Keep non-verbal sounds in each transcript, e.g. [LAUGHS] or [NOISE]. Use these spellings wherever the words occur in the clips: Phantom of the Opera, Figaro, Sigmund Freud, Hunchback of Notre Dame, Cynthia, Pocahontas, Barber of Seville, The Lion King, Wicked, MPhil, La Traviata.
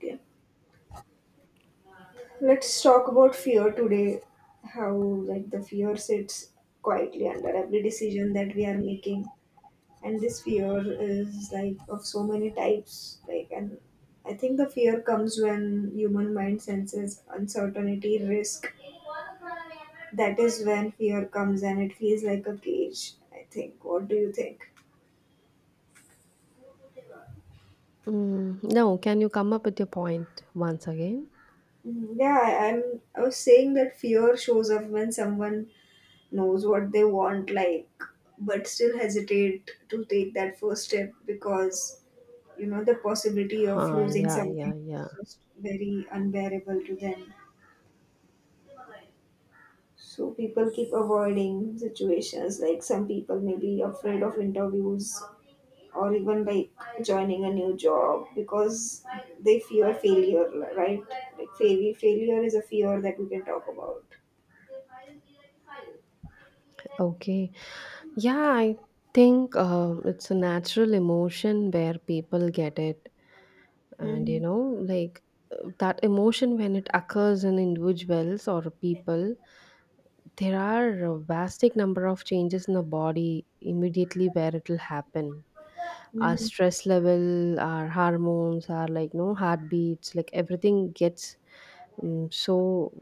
Yep. Let's talk about fear today. How like the fear sits quietly under every decision that we are making, and this fear is like of so many types. Like, and I think the fear comes when human mind senses uncertainty, risk. That is when fear comes, and it feels like a cage. I think. What do you think? Mm, no, can you come up with your point once again? Mm, yeah, I, I'm. I was saying that fear shows up when someone knows what they want, like, but still hesitate to take that first step because the possibility of Huh, losing yeah, yeah, something yeah. is just very unbearable to them. So people keep avoiding situations. Like, some people may be afraid of interviews or even like joining a new job because they fear failure, right? Like, failure is a fear that we can talk about. Okay. Yeah, I think it's a natural emotion where people get it. And, Hmm. Like that emotion when it occurs in individuals or people, there are a vastic number of changes in the body immediately where it will happen. Our Hmm. stress level, our hormones, our like, no, heartbeats, like everything gets so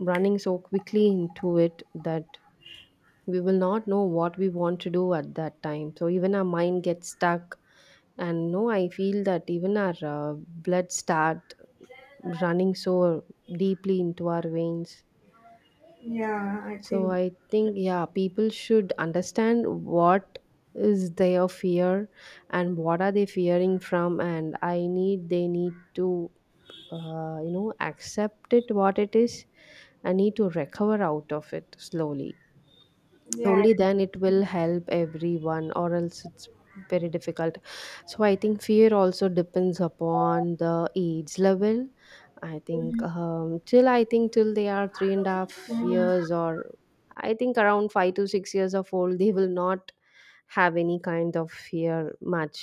running so quickly into it that we will not know what we want to do at that time, so even our mind gets stuck. And no, I feel that even our blood start running so deeply into our veins. Yeah, I So think. I think, yeah, people should understand what is their fear and what are they fearing from, and I need they need to accept it what it is. I need to recover out of it slowly. Yeah. Only then it will help everyone, or else it's very difficult. So I think fear also depends upon the age level. I think Mhm. Till they are three and a half Mhm. years or I think around 5 to 6 years of old, they will not have any kind of fear much.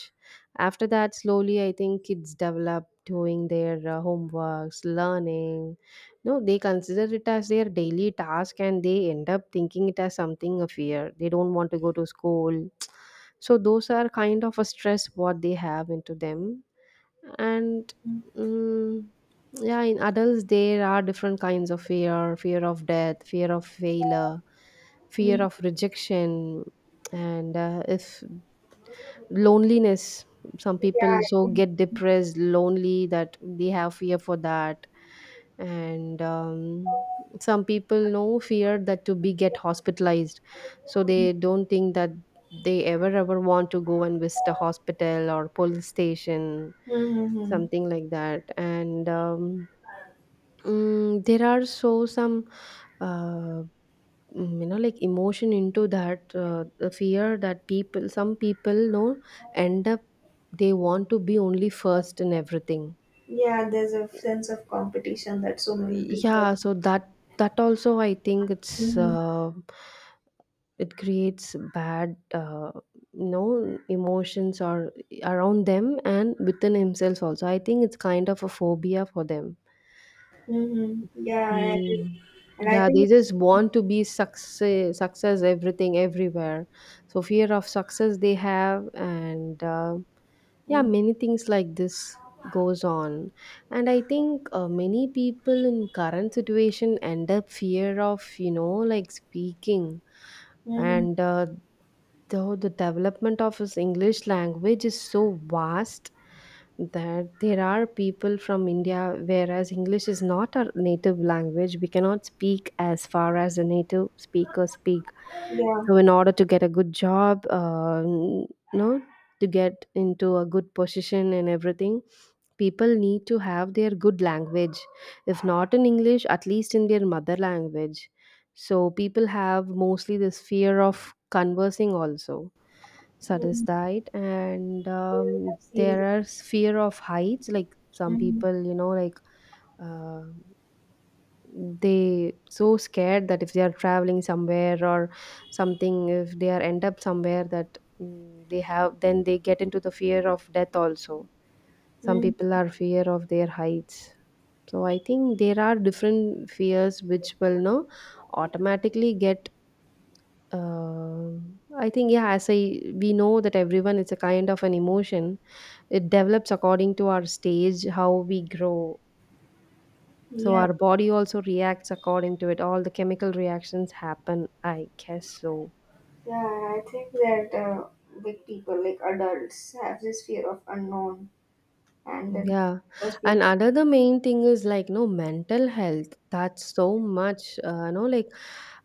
After that slowly I think kids develop doing their homeworks, learning. No, they consider it as their daily task, and they end up thinking it as something, a fear. They don't want to go to school [TSK] so those are kind of a stress what they have into them. And mm, yeah, in adults there are different kinds of fear: fear of death, fear of failure, fear Mhm. of rejection. And if loneliness, some Yeah, people I so think. get depressed lonely that they have fear for that. And some people know fear that to be get hospitalized, so they don't think that they ever ever want to go and visit a hospital or police station, Mhm. something like that. And there are so some uh, like emotion into that the fear that people some people know, end up, they want to be only first in everything. Yeah, there's a sense of competition that so many people. Yeah, so that also I think it's Mm-hmm. It creates bad emotions or around them, and within himself also I think it's kind of a phobia for them. Mm-hmm. Yeah, I agree. Mm. And I Yeah, they think it's, just want to be success, success, everything, everywhere. So fear of success they have, and yeah, many things like this goes on. And I think many people in current situation end up fear of like speaking, mm-hmm, and though the development of his English language is so vast that there are people from India, whereas English is not our native language, we cannot speak as far as the native speakers speak. yeah, So in order to get a good job, no, to get into a good position and everything, people need to have their good language. If not in English, at least in their mother language. So people have mostly this fear of conversing also. So that is mm-hmm. died, and I've seen that. there are fear of heights. Like some Mm-hmm. people, like uh, they so scared that if they are traveling somewhere or something, if they are end up somewhere that they have, then they get into the fear of death also. Some Mm-hmm. people are fear of their heights. So I think there are different fears which will no automatically get uh, I think, yeah, as I we know that everyone is a kind of an emotion. It develops according to our stage how we grow. So Yeah. our body also reacts according to it. All the chemical reactions happen, I guess so. Yeah, I think that big people, like adults, have this fear of unknown, and then Yeah. because And people. another main thing is like, no, mental health. That's so much, no, like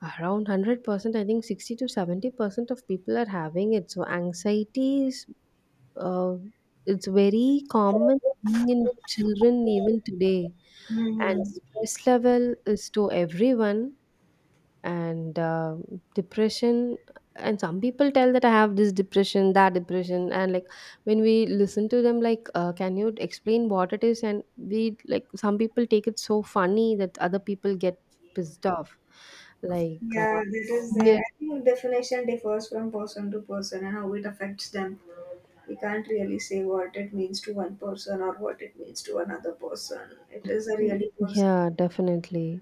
around 100%, I think 60 to 70% of people are having it. So anxiety uh, it's very common thing in children even today. And Mm-hmm. stress level is to everyone, and depression. And some people tell that I have this depression, that depression, and like when we listen to them, like can you explain what it is, and we like some people take it so funny that other people get pissed off, like Yeah, that is there. yeah. I think definition differs from person to person and how it affects them. We can't really say what it means to one person or what it means to another person. It is a Mm, really person. yeah, definitely.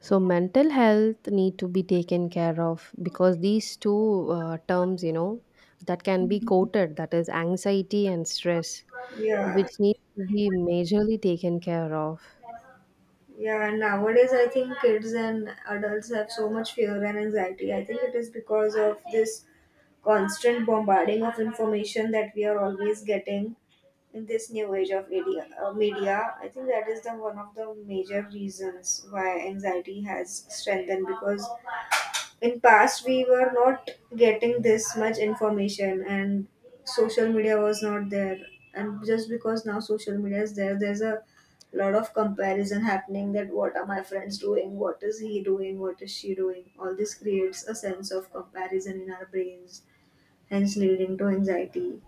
So mental health need to be taken care of, because these two terms, that can be quoted, that is anxiety and stress, Yeah. which needs to be majorly taken care of. Yeah, and nowadays I think kids and adults have so much fear and anxiety. I think it is because of this constant bombarding of information that we are always getting in this new age of media, media. I think that is the one of the major reasons why anxiety has strengthened, because in past we were not getting this much information, and social media was not there, and just because now social media is there, there's a lot of comparison happening. That what are my friends doing, what is he doing, what is she doing, all this creates a sense of comparison in our brains, hence leading to anxiety.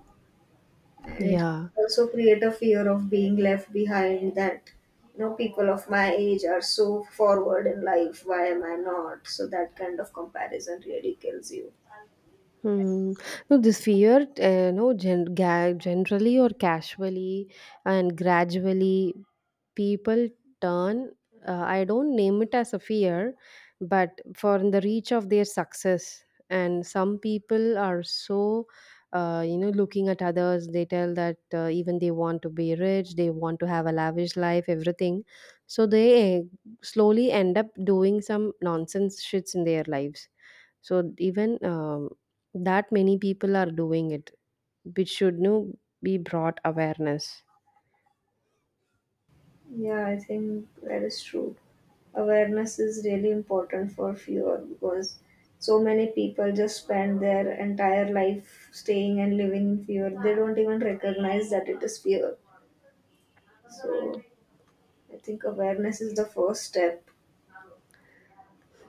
And it Yeah. also create a fear of being left behind, that you know people of my age are so forward in life. Why am I not? So that kind of comparison really kills you. Hmm. No, this fear, no, generally or casually and gradually, people turn. I don't name it as a fear, but for the reach of their success. And some people are so, looking at others, they tell that even they want to be rich, they want to have a lavish life, everything. So they slowly end up doing some nonsense shits in their lives. So even that, many people are doing it, which should, be brought awareness. Yeah, I think that is true. Awareness is really important for fear, because so many people just spend their entire life staying and living in fear. They don't even recognize that it is fear. So I think awareness is the first step.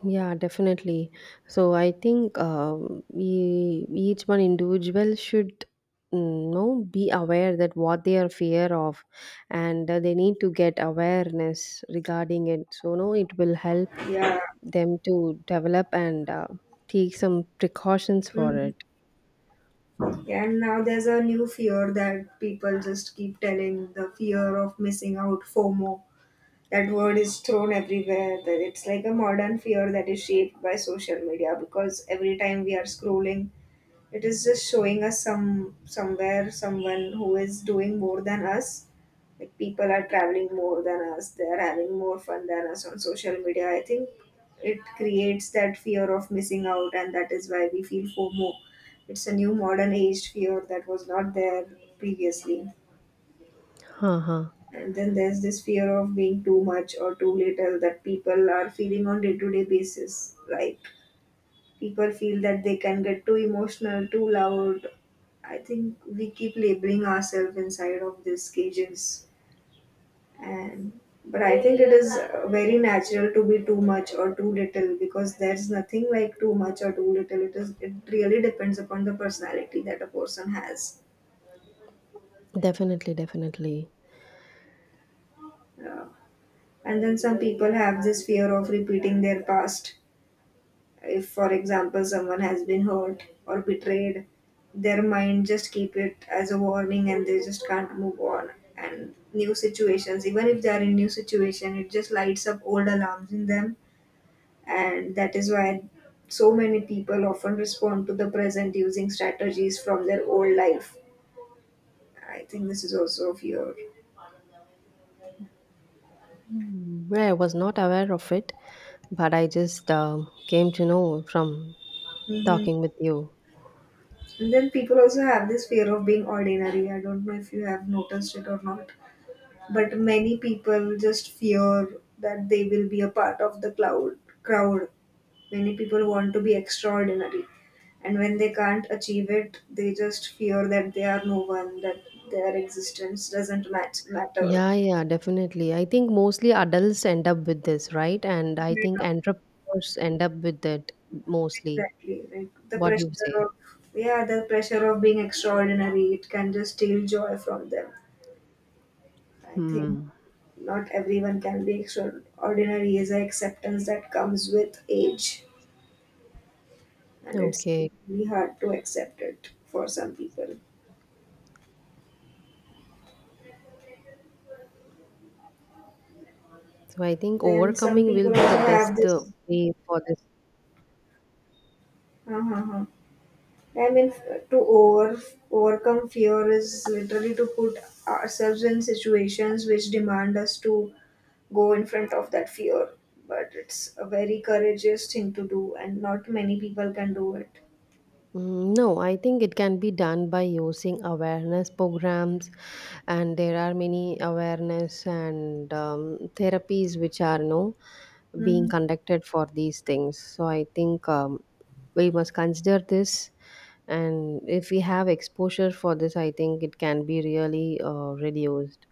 Yeah, definitely. So I think, each one individual should, know, be aware that what they are fear of, and they need to get awareness regarding it. So no, it will help Yeah. them to develop and take some precautions for Mhm. it. Yeah, and now there's a new fear that people just keep telling, the fear of missing out, FOMO. That word is thrown everywhere. That it's like a modern fear that is shaped by social media, because every time we are scrolling, it is just showing us some somewhere someone who is doing more than us. Like people are traveling more than us. They are having more fun than us on social media. I think it creates that fear of missing out, and that is why we feel FOMO. It's a new modern age fear that was not there previously. Uh-huh. And then there's this fear of being too much or too little that people are feeling on day to day basis. Like people feel that they can get too emotional, too loud. I think we keep labeling ourselves inside of these cages. And but I think it is very natural to be too much or too little, because there's nothing like too much or too little. It is, it really depends upon the personality that a person has. Definitely, definitely. uh, and then some people have this fear of repeating their past. If for example someone has been hurt or betrayed, their mind just keep it as a warning and they just can't move on. And new situations, even if they are in new situation, it just lights up old alarms in them. And that is why so many people often respond to the present using strategies from their old life. I think this is also a fear. Well, I was not aware of it, but I just came to know from Hmm. talking with you. And then people also have this fear of being ordinary. I don't know if you have noticed it or not, but many people just fear that they will be a part of the cloud crowd. Many people want to be extraordinary, and when they can't achieve it, they just fear that they are no one, that their existence doesn't matter. Yeah, yeah, definitely. I think mostly adults end up with this, right? And I Yeah, think entrepreneurs end up with it mostly. exactly. Like the What do you pressure say? of, yeah, the pressure of being extraordinary, it can just steal joy from them. I think Hmm. not everyone can be extraordinary is an acceptance that comes with age, and it's Okay. really hard to accept it for some people. So I think Then some overcoming people will be also the have best this, way for this. uh-huh, uh-huh. I mean, overcome fear is literally to put ourselves in situations which demand us to go in front of that fear. But it's a very courageous thing to do, and not many people can do it. Mm, no, I think it can be done by using awareness programs, and there are many awareness and therapies which are no being Mhm. conducted for these things. So I think, we must consider this, and if we have exposure for this, I think it can be really reduced.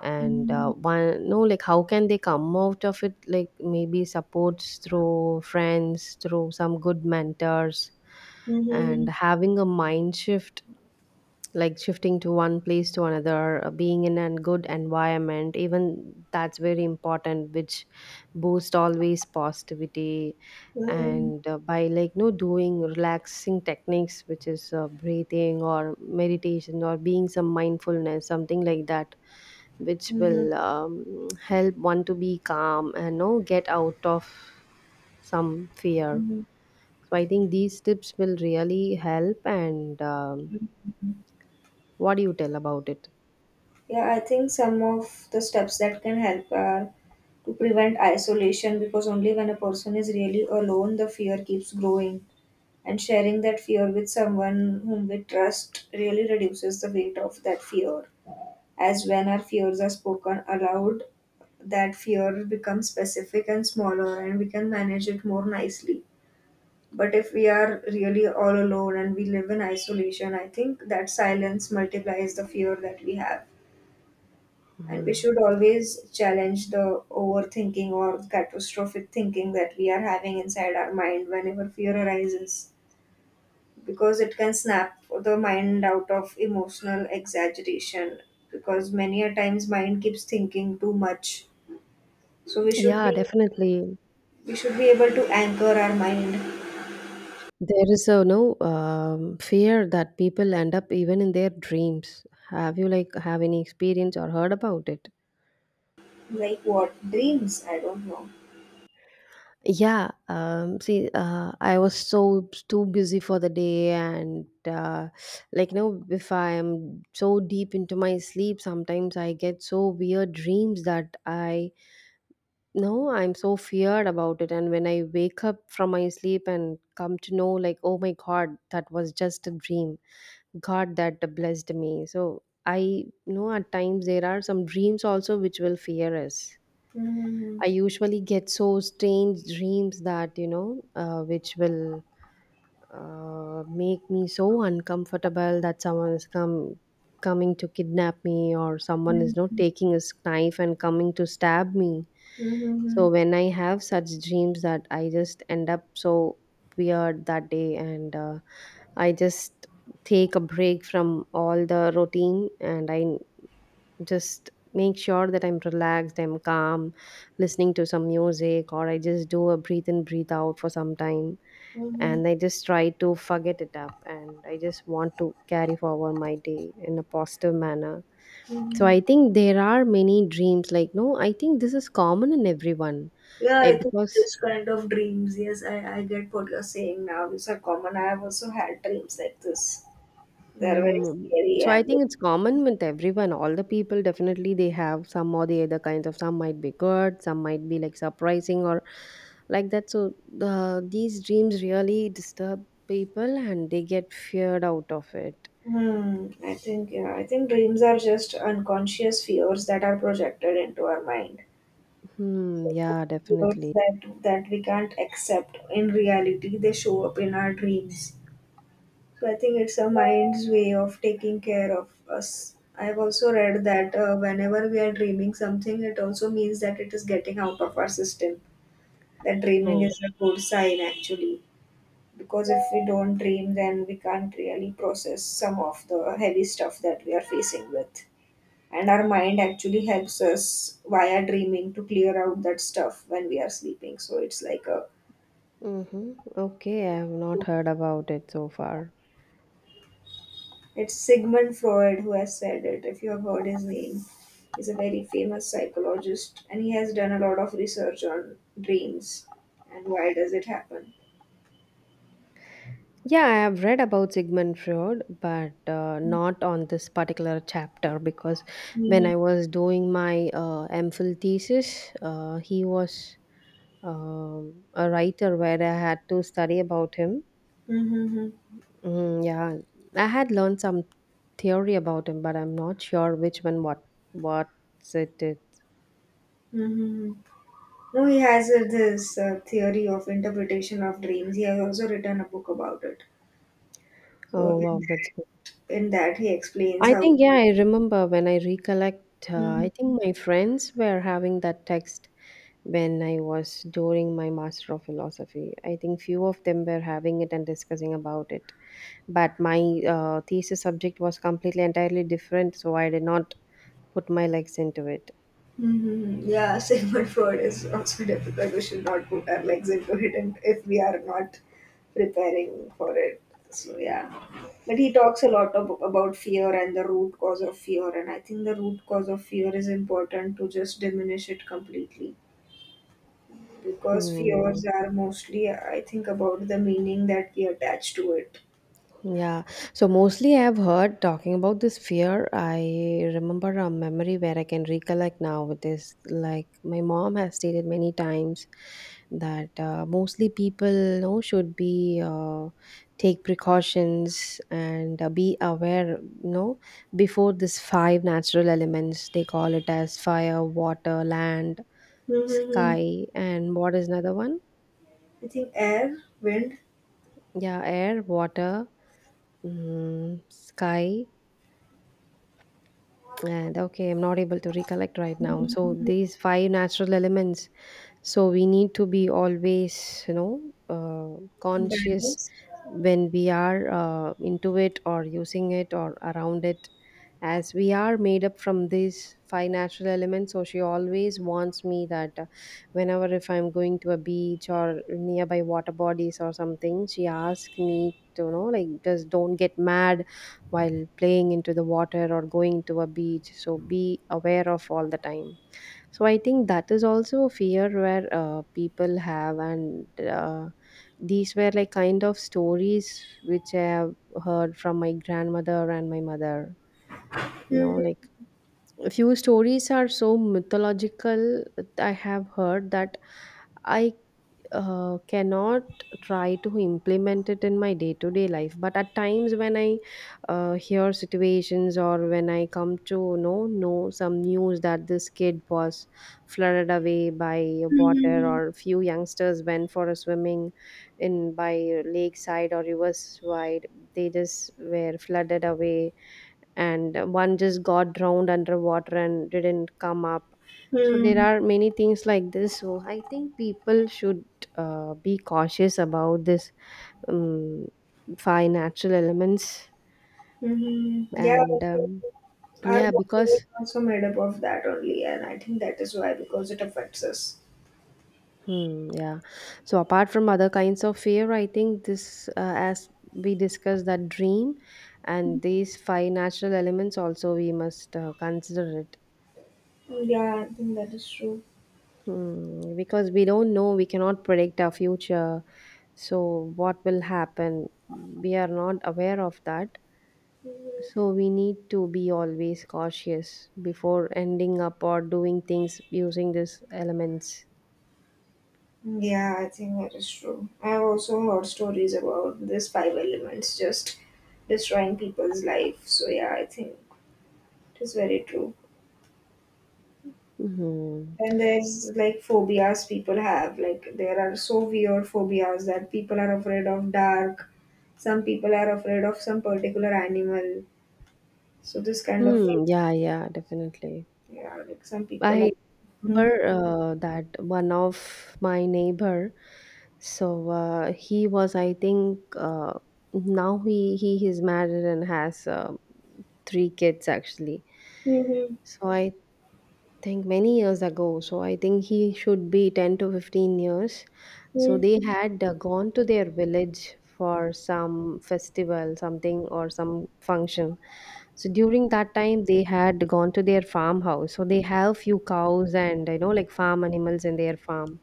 And Mhm. one no, like how can they come out of it, like maybe supports through friends, through some good mentors, and Mhm. having a mind shift, like shifting to one place to another, being in a good environment, even that's very important, which boost always positivity. Mhm. And by, like, no, doing relaxing techniques, which is breathing or meditation or being some mindfulness, something like that, which Mhm. will help one to be calm and no get out of some fear. Mhm. So I think these tips will really help, and what do you tell about it? Yeah, I think some of the steps that can help are to prevent isolation, because only when a person is really alone, the fear keeps growing. And sharing that fear with someone whom we trust really reduces the weight of that fear. As when our fears are spoken aloud, that fear becomes specific and smaller, and we can manage it more nicely. But if we are really all alone and we live in isolation, I think that silence multiplies the fear that we have. And we Mhm. should always challenge the overthinking or catastrophic thinking that we are having inside our mind whenever fear arises, because it can snap the mind out of emotional exaggeration, because many a times mind keeps thinking too much. So we should Yeah, be, definitely. we should be able to anchor our mind. There is a no fear that people end up even in their dreams. Have you like have any experience or heard about it? Like what dreams, I don't know. Yeah. See, I was so too busy for the day, and like if I am so deep into my sleep, sometimes I get so weird dreams that I no, I'm so feared about it. And when I wake up from my sleep and come to know, like, oh my God, that was just a dream. God, that blessed me. So I know at times there are some dreams also which will fear us. Hmm. I usually get so strange dreams that, which will make me so uncomfortable that someone is come coming to kidnap me, or someone is not Mhm. taking a knife and coming to stab me. So Mhm. when I have such dreams, that I just end up so weird that day, and I just take a break from all the routine, and I just make sure that I'm relaxed, I'm calm, listening to some music, or I just do a breathe in, breathe out for some time. Mhm. And I just try to forget it up, and I just want to carry forward my day in a positive manner. So Mhm. I think there are many dreams like, no, I think this is common in everyone. Yeah, I think Because. this kind of dreams. Yes, I get what you're saying now. These are common. I have also had dreams like this. They're very Mm, scary so I and, think it's common with everyone. All the people definitely they have some or the other kinds of. Some might be good, some might be like surprising, or like that. So these dreams really disturb people, and they get feared out of it. hmm, I think, yeah, I think dreams are just unconscious fears that are projected into our mind. Hmm. So the Yeah, fears definitely. that we can't accept in reality, they show up in our dreams. So I think it's our mind's way of taking care of us. I've also read that whenever we are dreaming something, it also means that it is getting out of our system. That dreaming Oh. is a good sign actually, because if we don't dream, then we can't really process some of the heavy stuff that we are facing with. And our mind actually helps us via dreaming to clear out that stuff when we are sleeping. So it's like a, Mm-hmm. Okay, I have not heard about it so far. it's Sigmund Freud who has said it, if you have heard his name. He's a very famous psychologist, and he has done a lot of research on dreams and why does it happen. Yeah, I have read about Sigmund Freud, but not on this particular chapter, because when Mhm. I was doing my MPhil thesis, he was, a writer where I had to study about him. Mhm. Mm, yeah, I had learned some theory about him, but I'm not sure which one. What it is. Mhm. No, he has this theory of interpretation of dreams. He has also written a book about it. So Oh wow, that's good. in that he explains I how. think, yeah, I remember when I recollect. Uh, I think my friends were having that text when I was during my Master of Philosophy. I think few of them were having it and discussing about it. But my thesis subject was completely entirely different, so I did not put my legs into it. Hmm. Yeah, [LAUGHS] cyber fraud is also difficult. We should not put our legs into it, and if we are not preparing for it, so yeah. But he talks a lot about fear and the root cause of fear, and I think the root cause of fear is important to just diminish it completely, because fears Hmm. are mostly, I think, about the meaning that we attach to it. Yeah, so mostly I've heard talking about this fear. I remember a memory where I can recollect now with this. Like, my mom has stated many times that mostly people should be take precautions and be aware, you know, before this five natural elements. They call it as fire, water, land, Mm-hmm. sky, and what is another one? I think air, wind, Yeah, air, water, sky and okay, I'm not able to recollect right now, so mm-hmm. these five natural elements, so we need to be always conscious Balance. when we are into it or using it or around it, as we are made up from these five natural elements. So she always wants me that whenever if I'm going to a beach or nearby water bodies or something, she asks me to just don't get mad while playing into the water or going to a beach, so be aware of all the time. So I think that is also a fear where people have, and these were like kind of stories which I have heard from my grandmother and my mother. You know, like a few stories are so mythological. I have heard that I cannot try to implement it in my day to day life, but at times when I hear situations or when I come to know some news that this kid was flooded away by a water Mm-hmm. or few youngsters went for a swimming in by lakeside or riverside, they just were flooded away and one just got drowned underwater and didn't come up. So there are many things like this. So I think people should be cautious about this um, five natural elements Mm-hmm. Yeah, I and think our yeah, body is because also made up of that only, and I think that is why, because it affects us. Yeah. So apart from other kinds of fear, I think this, as we discussed, that dream and these five natural elements also we must consider it. Yeah, I think that is true. Hmm, because we don't know, we cannot predict our future. So, what will happen? We are not aware of that. Mhm. So, we need to be always cautious before ending up or doing things using these elements. Yeah, I think that is true. I have also heard stories about these five elements just destroying people's life. So yeah, I think it is very true. Hmm. Then there's like phobias people have. Like there are so weird phobias that people are afraid of dark. Some people are afraid of some particular animal. So this kind of, Hmm. Yeah, yeah, definitely. yeah, like some people are. I Mhm. remember that one of my neighbor. So he was, I think, now he is married and has three kids actually. Mhm. So I think many years ago, so I think he should be 10 to 15 years. So Mhm. they had gone to their village for some festival, something or some function. So during that time, they had gone to their farmhouse. So they have few cows and farm animals in their farm.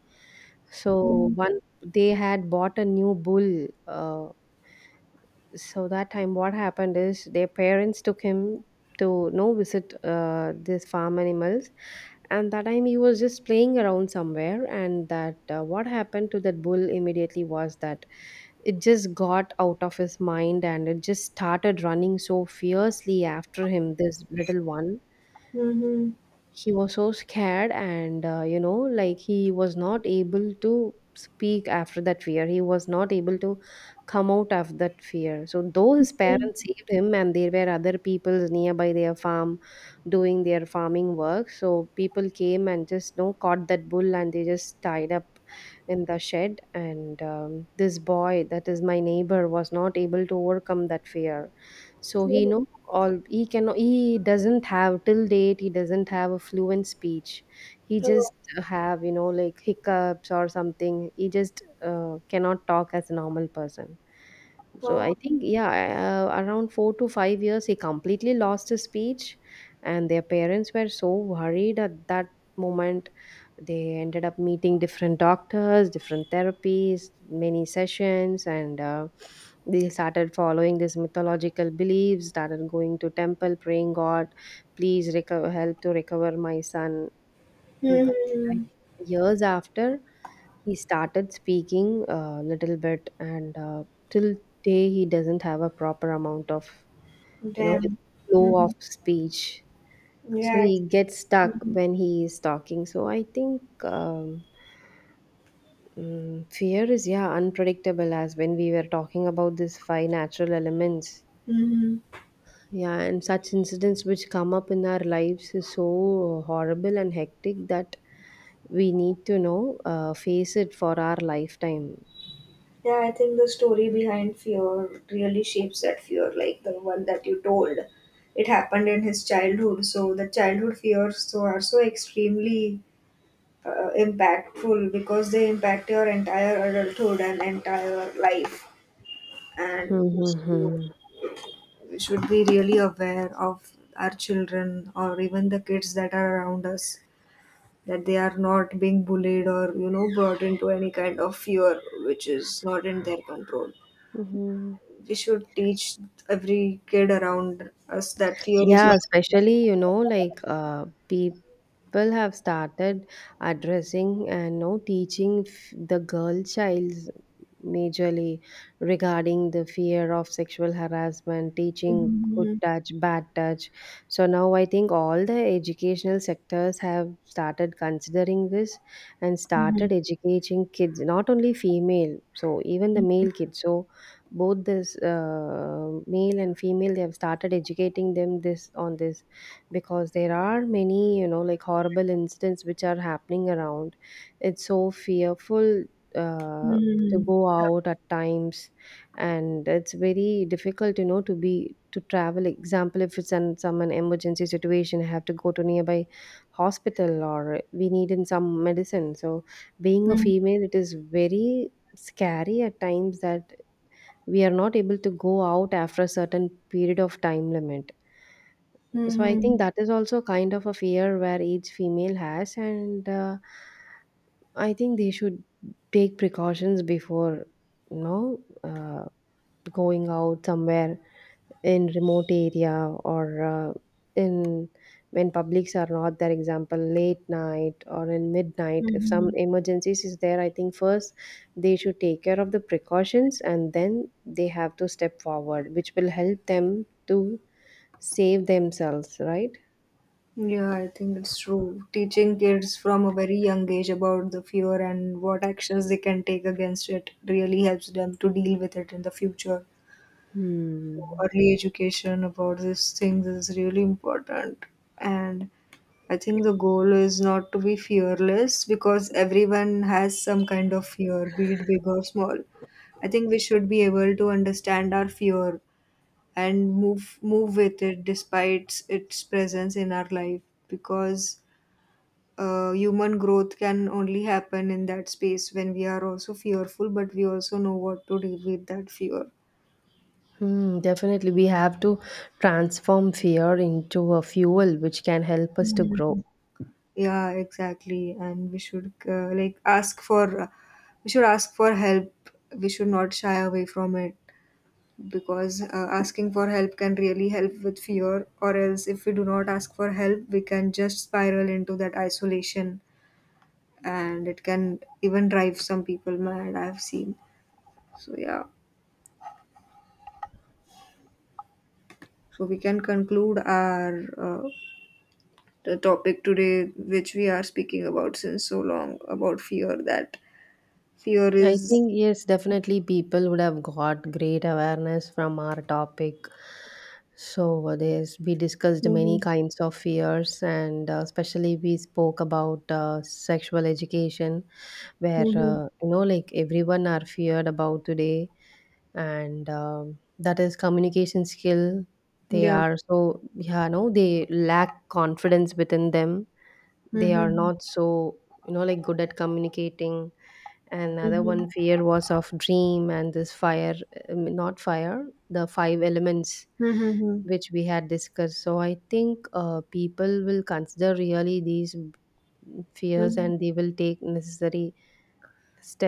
So one, they had bought a new bull. So that time, what happened is their parents took him to no visit these farm animals, and that time he was just playing around somewhere, and that, what happened to that bull immediately was that it just got out of his mind and it just started running so fiercely after him, this little one. Mhm. He was so scared, and he was not able to speak. After that fear, he was not able to come out of that fear. So though his parents saved him, and there were other people nearby their farm doing their farming work, so people came and just, caught that bull and they just tied up in the shed, and this boy, that is my neighbor, was not able to overcome that fear. So he Mhm. know all he can he doesn't have till date he doesn't have a fluent speech. He Oh, just have hiccups or something. He just cannot talk as a normal person. So oh. I think, yeah, around 4 to 5 years, he completely lost his speech, and their parents were so worried at that moment. They ended up meeting different doctors, different therapies, many sessions, and they started following these mythological beliefs. Started going to temple, praying God, please recover, help to recover my son. But I think Mhm. years after, he started speaking a little bit, and till day he doesn't have a proper amount of you know like Damn. flow of Mhm. speech. So Yeah. he I- gets stuck Mhm. when he is talking. So I think fear is, yeah, unpredictable, as when we were talking about these five natural elements. Mhm. Yeah, and such incidents which come up in our lives is so horrible and hectic that we need to know face it for our lifetime. Yeah, I think the story behind fear really shapes that fear, like the one that you told. It happened in his childhood, so the childhood fears so are so extremely impactful, because they impact your entire adulthood and entire life. And so Mm-hmm. we should be really aware of our children or even the kids that are around us, that they are not being bullied or you know brought into any kind of fear which is not in their control. Mhm. We should teach every kid around us that fear is Yeah, not. especially, people have started addressing and no teaching the girl child majorly regarding the fear of sexual harassment, teaching good Mhm, touch, bad touch. So now I think all the educational sectors have started considering this and mhm, started educating kids, not only female, so even the male kids. So both this male and female, they have started educating them this on this, because there are many, horrible incidents which are happening around. It's so fearful uh, to mhm, go out at times, and it's very difficult to be to travel. Example, if it's in some an emergency situation, I have to go to nearby hospital or we need in some medicine. So being a mhm, female, it is very scary at times that we are not able to go out after a certain period of time limit. mhm, So I mhm, think that is also kind of a fear where each female has, and I think they should take precautions before, you know, uh, going out somewhere in remote area or in when publics are not there. Example, late night or in midnight. If some mhm. emergencies is there, I think first they should take care of the precautions and then they have to step forward, which will help them to save themselves. Right? Yeah, I think it's true. Teaching kids from a very young age about the fear and what actions they can take against it really helps them to deal with it in the future. So Hmm. early education about these things is really important. And I think the goal is not to be fearless, because everyone has some kind of fear, be it big or small. I think we should be able to understand our fear and move with it despite its presence in our life, because human growth can only happen in that space when we are also fearful, but we also know what to do with that fear. Hmm, definitely, we have to transform fear into a fuel which can help us to grow. Mhm. Yeah, exactly. And we should like ask for we should ask for help. We should not shy away from it, because asking for help can really help with fear. Or else, if we do not ask for help, we can just spiral into that isolation, and it can even drive some people mad. I've seen. So yeah. So we can conclude our uh, the topic today, which we are speaking about since so long about fear. That fear I is, think, yes, definitely people would have got great awareness from our topic. So, there's we discussed many mm-hmm, kinds of fears, and especially we spoke about sexual education, where, mm-hmm, everyone are feared about today, and that is communication skill. They yeah, are so, yeah, no, they lack confidence within them. They are mm-hmm, not so, good at communicating. Another mm-hmm, one fear was of dream and this fire, not fire, the five elements which we had discussed. So I think people will consider really these fears mm-hmm. and they will take necessary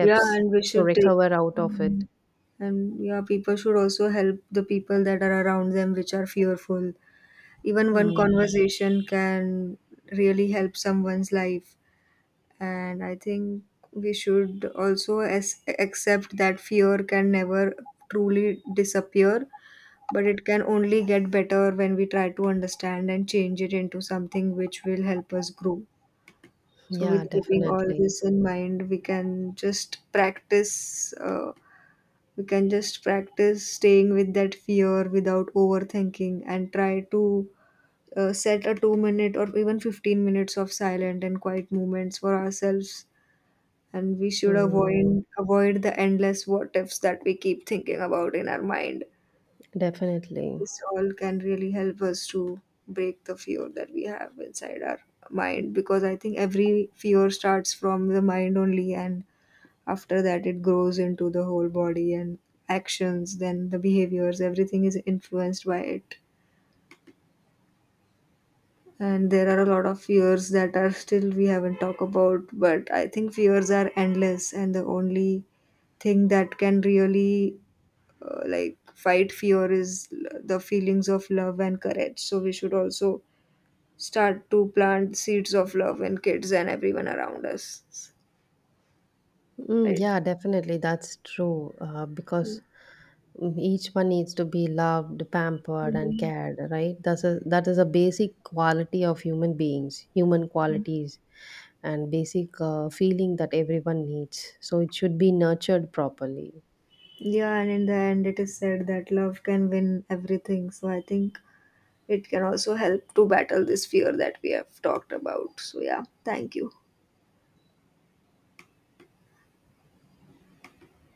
Yeah, and we to should take, recover out of hmm, it. and yeah, people should also help the people that are around them which are fearful. Even one Hmm. conversation can really help someone's life. And I think we should also accept that fear can never truly disappear, but it can only get better when we try to understand and change it into something which will help us grow. So Yeah, with keeping all definitely. this in mind, we can just practice we can just practice staying with that fear without overthinking, and try to set a 2 minute or even 15 minutes of silent and quiet moments for ourselves. And we should Hmm. avoid the endless what ifs that we keep thinking about in our mind. Definitely. This all can really help us to break the fear that we have inside our mind, because I think every fear starts from the mind only, and after that it grows into the whole body and actions, then the behaviors, everything is influenced by it. And there are a lot of fears that are still we haven't talked about, but I think fears are endless, and the only thing that can really fight fear is the feelings of love and courage. So we should also start to plant seeds of love in kids and everyone around us. Mm, Right. yeah, definitely, that's true. Because each one needs to be loved, pampered, and Mhm. cared. Right? That is a basic quality of human beings, human qualities, and basic feeling that everyone needs. So it should be nurtured properly. Yeah, and in the end it is said that love can win everything, so I think it can also help to battle this fear that we have talked about. So yeah, thank you.